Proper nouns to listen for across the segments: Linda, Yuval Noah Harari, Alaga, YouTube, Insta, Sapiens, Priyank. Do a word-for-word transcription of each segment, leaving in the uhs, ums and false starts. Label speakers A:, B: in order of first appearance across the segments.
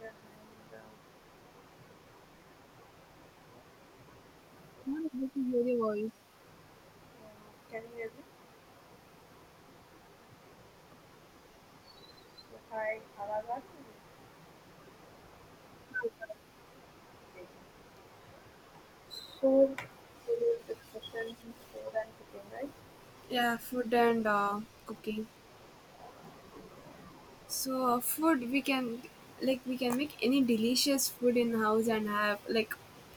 A: Yeah, and, uh, uh,
B: Not able to hear your voice.
A: can you hear me? So, hi, Alaga. Okay. So, today's discussion is food and cooking, right?
B: yeah food and uh, cooking. So uh, food we can, like, we can make any delicious food in house and have, like,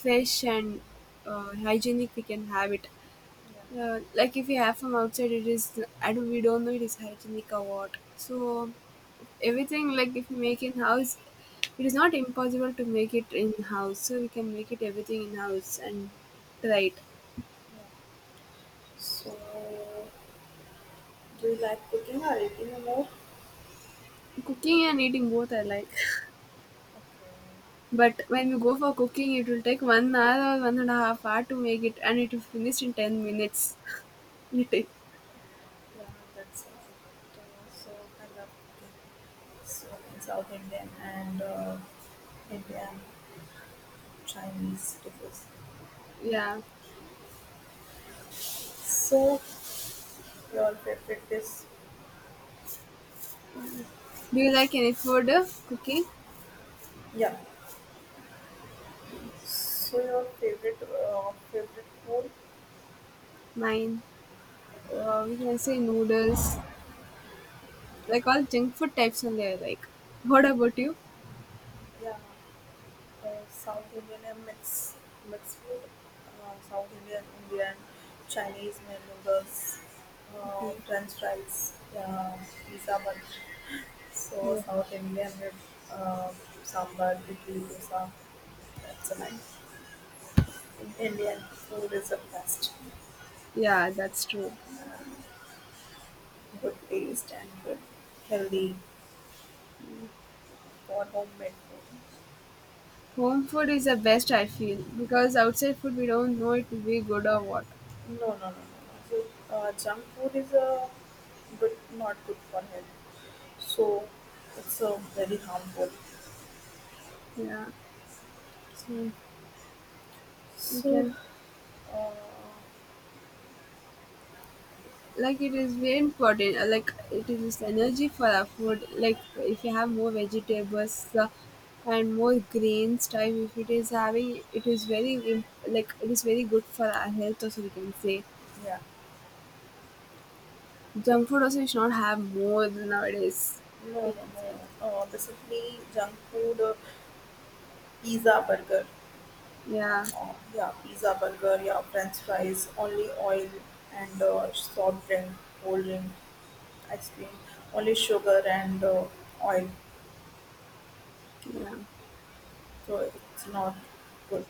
B: fresh and uh, hygienic, we can have it.
A: Yeah.
B: Uh, like if we have from outside, it is, I don't we don't know it is hygienic or what, so everything, like, if we make in house, it is not impossible to make it in house, so we can make it everything in house and try it.
A: So, do you like cooking or eating more?
B: Cooking and eating both I like.
A: Okay.
B: But when you go for cooking, it will take one hour or one and a half hour to make it, and it will finish in ten minutes. It I
A: Yeah, that's all. Uh, so, I love cooking. So, in South Indian and uh, Indian Chinese dishes.
B: yeah.
A: So, your favorite dish?
B: Do you like any food uh, cooking?
A: Yeah, so, your favorite uh, favorite food?
B: Mine, uh, we can say noodles, like all junk food types only I like. What about you?
A: Yeah. Uh, South Indian and mix mixed food, uh, South Indian, Indian, Chinese made noodles, uh,
B: Mhm.
A: French fries, uh, pizza bun. So
B: Yeah.
A: South Indian with uh, sambar, idli, dosa. That's a nice. Indian food is the best.
B: Yeah, that's true.
A: Good taste and good healthy for homemade food.
B: Home food is the best, I feel, because outside food we don't know it will be good or what.
A: No, no, no, no, no. So, uh, junk food is a good, not good for health. So it's uh, very harmful.
B: Yeah. So we
A: So,
B: can,
A: uh,
B: like, it is very important, uh, like it is this energy for our food, like if you have more vegetables uh, and more grains type, if it is having, it is very im- like it is very good for our health also, we can say.
A: yeah,
B: Junk food also we should not have more than nowadays.
A: no, no, no. Uh, basically, junk food, uh, pizza, burger.
B: Yeah,
A: Uh, yeah, pizza, burger, yeah, french fries, only oil and uh, soft drink, cold drink, ice cream, only sugar and uh, oil.
B: yeah,
A: So, it's not good.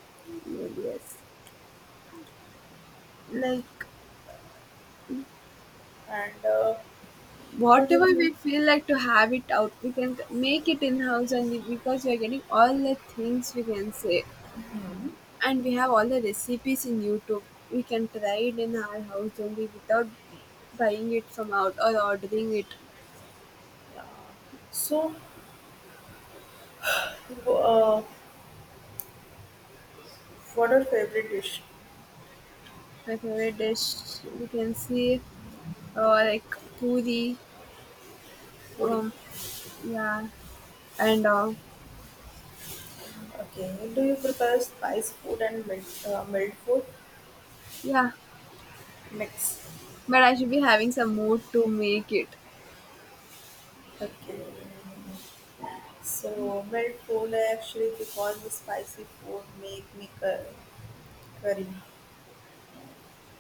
B: yeah, yes, like
A: And uh, what
B: whatever
A: else?
B: we
A: Is-
B: feel like to have it out, we can make it in house, and because we are getting all the things, we can say. And we have all the recipes in YouTube. We can try it in our house only without buying it from out or ordering it.
A: yeah. So, uh, what are favorite dish?
B: My favorite dish, you can see, uh, like puri,
A: Puri.
B: um, yeah, and uh,
A: Okay. Do you prepare spice food and mild, uh, mild food
B: yeah.
A: mix?
B: But I should be having some mood to make it.
A: Okay. So, my food I actually because the spicy food make me cur- curry.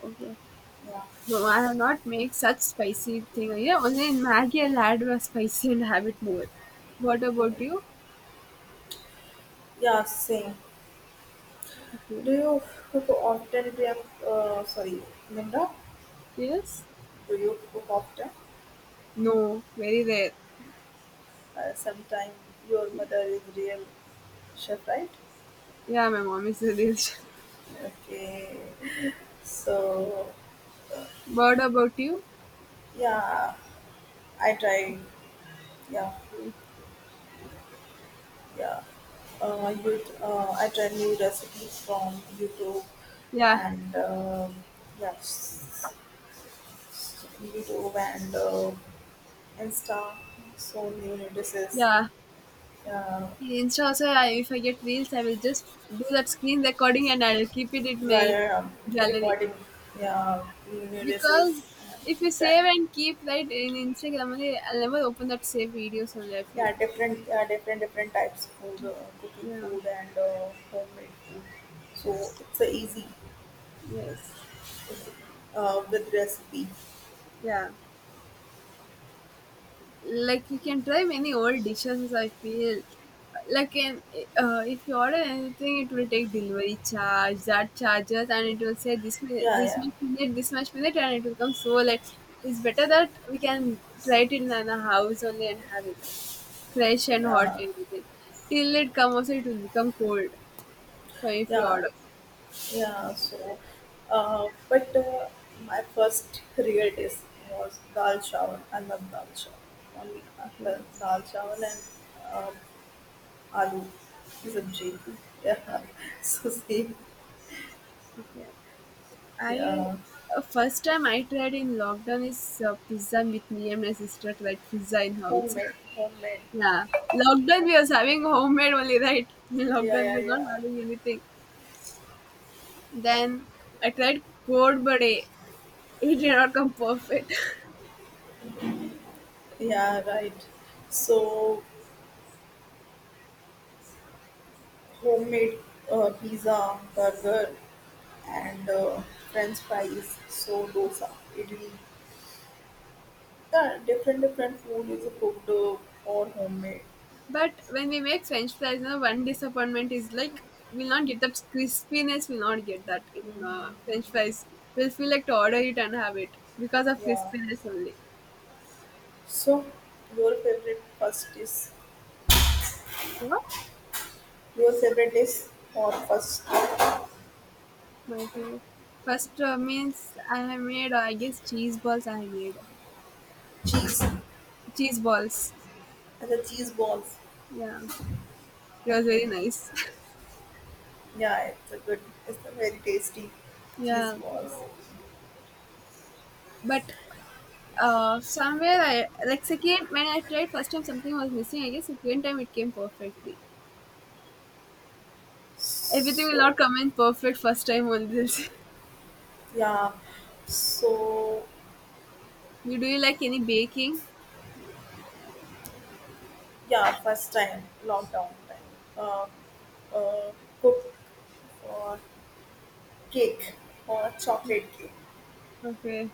B: Okay.
A: Yeah.
B: No, I have not make such spicy thing. Yeah, only in Maggie I'll add a spicy and have it more. What
A: Yeah,
B: about you?
A: yeah, same.
B: Okay.
A: Do you cook often, Priyank? Uh, sorry, Linda?
B: Yes?
A: Do you cook often?
B: No, very rare.
A: Uh, sometime your mother is real chef, right?
B: Yeah, my mom is a dish.
A: Okay. So,
B: What about you?
A: yeah, I try. Yeah, yeah. Uh, you, uh, I try new recipes from YouTube
B: Yeah,
A: and uh, yes, YouTube and uh, Insta. So new releases.
B: yeah.
A: Uh,
B: In Insta also, I, if I get reels, I will just do that screen recording and I'll keep it in
A: Yeah,
B: my
A: yeah, are um,
B: gallery.
A: recording. Yeah, new releases.
B: Because if you
A: That
B: save and keep right in Instagram, only, I'll never open that save videos only, I feel.
A: yeah, different yeah, different different types of food, uh, cooking
B: Yeah.
A: food and uh, homemade food. So it's a easy
B: Yes.
A: uh, with recipe.
B: Yeah. Like you can try many old dishes, I feel, like in, uh, if you order anything, it will take delivery charge, that charges, and it will say this mi-
A: Yeah,
B: this
A: yeah,
B: much minute, this much minute, and it will come so late. It's better that we can try it in our house only and have it fresh and hot,
A: yeah,
B: everything. Till it comes also, it will become cold, so if you
A: yeah.
B: order.
A: Yeah, so, uh, but uh, my first real taste was dal chawal. I love dal chawal. Only uh,
B: Okay.
A: dal chawal and uh, aloo sabji.
B: Okay.
A: Yeah, so see,
B: Okay. I,
A: yeah,
B: uh, first time I tried in lockdown is uh, pizza, with me and my sister tried pizza in house.
A: homemade, homemade.
B: Yeah, lockdown
A: Yeah,
B: we was having homemade only, right? In
A: yeah,
B: lockdown we
A: yeah,
B: was not
A: yeah,
B: having anything. Then I tried cold bade. It it did not come perfect.
A: yeah, right. So homemade uh, pizza, burger, and uh, French fries. So dosa, idli. Yeah, different different food is cooked uh, or homemade.
B: But when we make French fries, now one disappointment is like we'll not get that crispiness. We'll not get that in uh, French fries. We'll feel like to order it and have it because of
A: Yeah.
B: crispiness only.
A: So, your favorite first is
B: What?
A: your favorite dish or first
B: My favorite. First, uh, means I have made, uh, I guess, cheese balls. I made
A: cheese and
B: cheese balls.
A: the cheese balls.
B: Yeah, it was
A: Okay.
B: very nice.
A: Yeah, it's a good. It's a very tasty cheese
B: Yeah,
A: balls.
B: but uh, somewhere I like second. When I tried first time, something was missing. I guess second time it came perfectly. Everything will
A: So,
B: not come in perfect first time on this.
A: yeah. So,
B: you do you like any baking?
A: yeah. First time lockdown time. Uh, uh, cook or cake or chocolate cake.
B: Okay,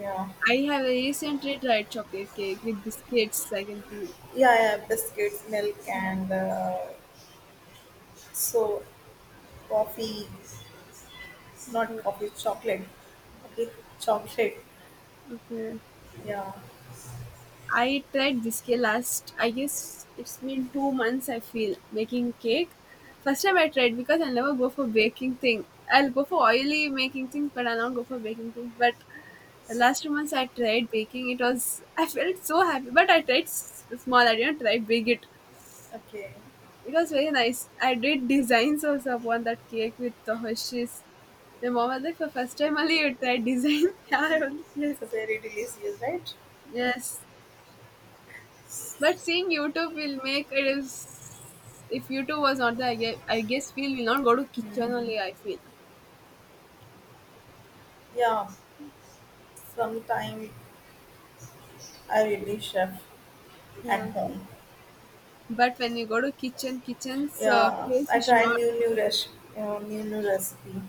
A: Yeah.
B: I have recently tried chocolate cake with biscuits, I can feel.
A: Yeah, yeah, biscuits, milk,
B: Yeah.
A: and uh, so coffee, not
B: Okay.
A: coffee, chocolate. Okay, chocolate.
B: Okay.
A: Yeah,
B: I tried whiskey last, I guess it's been two months, I feel, making cake. First time I tried, because I never go for baking thing. I'll go for oily making things, but I'll not go for baking things. But the last two months I tried baking. It was, I felt so happy. But I tried s- small. I didn't try big. It
A: okay.
B: it was very nice. I did designs also upon that cake with the Hershey's. My mom was like, for first time only you tried design. Yeah, I was like, yes,
A: It's a very delicious, right?
B: yes. But seeing YouTube will make it is, if YouTube was not there, I guess, I guess feel will not go to kitchen only,
A: Hmm.
B: I feel.
A: Yeah, sometime I really chef at
B: Yeah.
A: home.
B: But when you go to kitchen, kitchen's uh,
A: Yeah,
B: place we
A: I
B: should
A: try
B: not.
A: new new res- uh, new new recipe.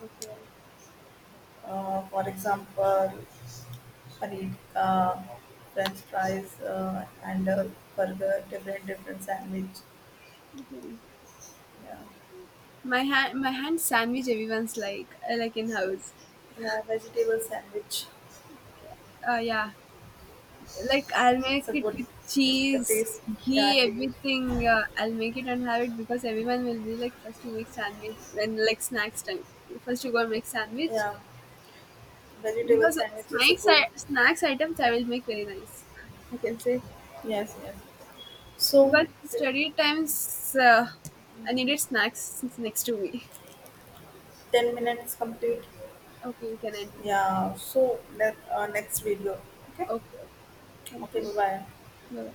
B: Okay.
A: Uh, for example, paneer ka, French fries, uh, and uh, burger, different different sandwich.
B: Okay.
A: Yeah.
B: My hand, my hand sandwich, everyone's like, uh, like in house.
A: Yeah, vegetable sandwich.
B: Uh, yeah. Like I'll make
A: It's a
B: it
A: good.
B: with
A: It's the
B: cheese,
A: taste. Yeah,
B: ghee,
A: taste.
B: everything. Uh, I'll make it and have it because everyone will be like, first you make sandwich when like snacks time. First you go and make sandwich.
A: Yeah, vegetable
B: Because
A: sandwich is a
B: snacks,
A: good.
B: i- snacks items I will make very nice, I can say.
A: Yes, yes. So,
B: Because
A: t-
B: study times, uh, I needed snacks next to me.
A: ten minutes complete.
B: Okay, we can end here.
A: Yeah. So, ne- uh, next video. Okay.
B: Okay, okay. Thank
A: Okay.
B: you.
A: Bye bye.
B: Bye.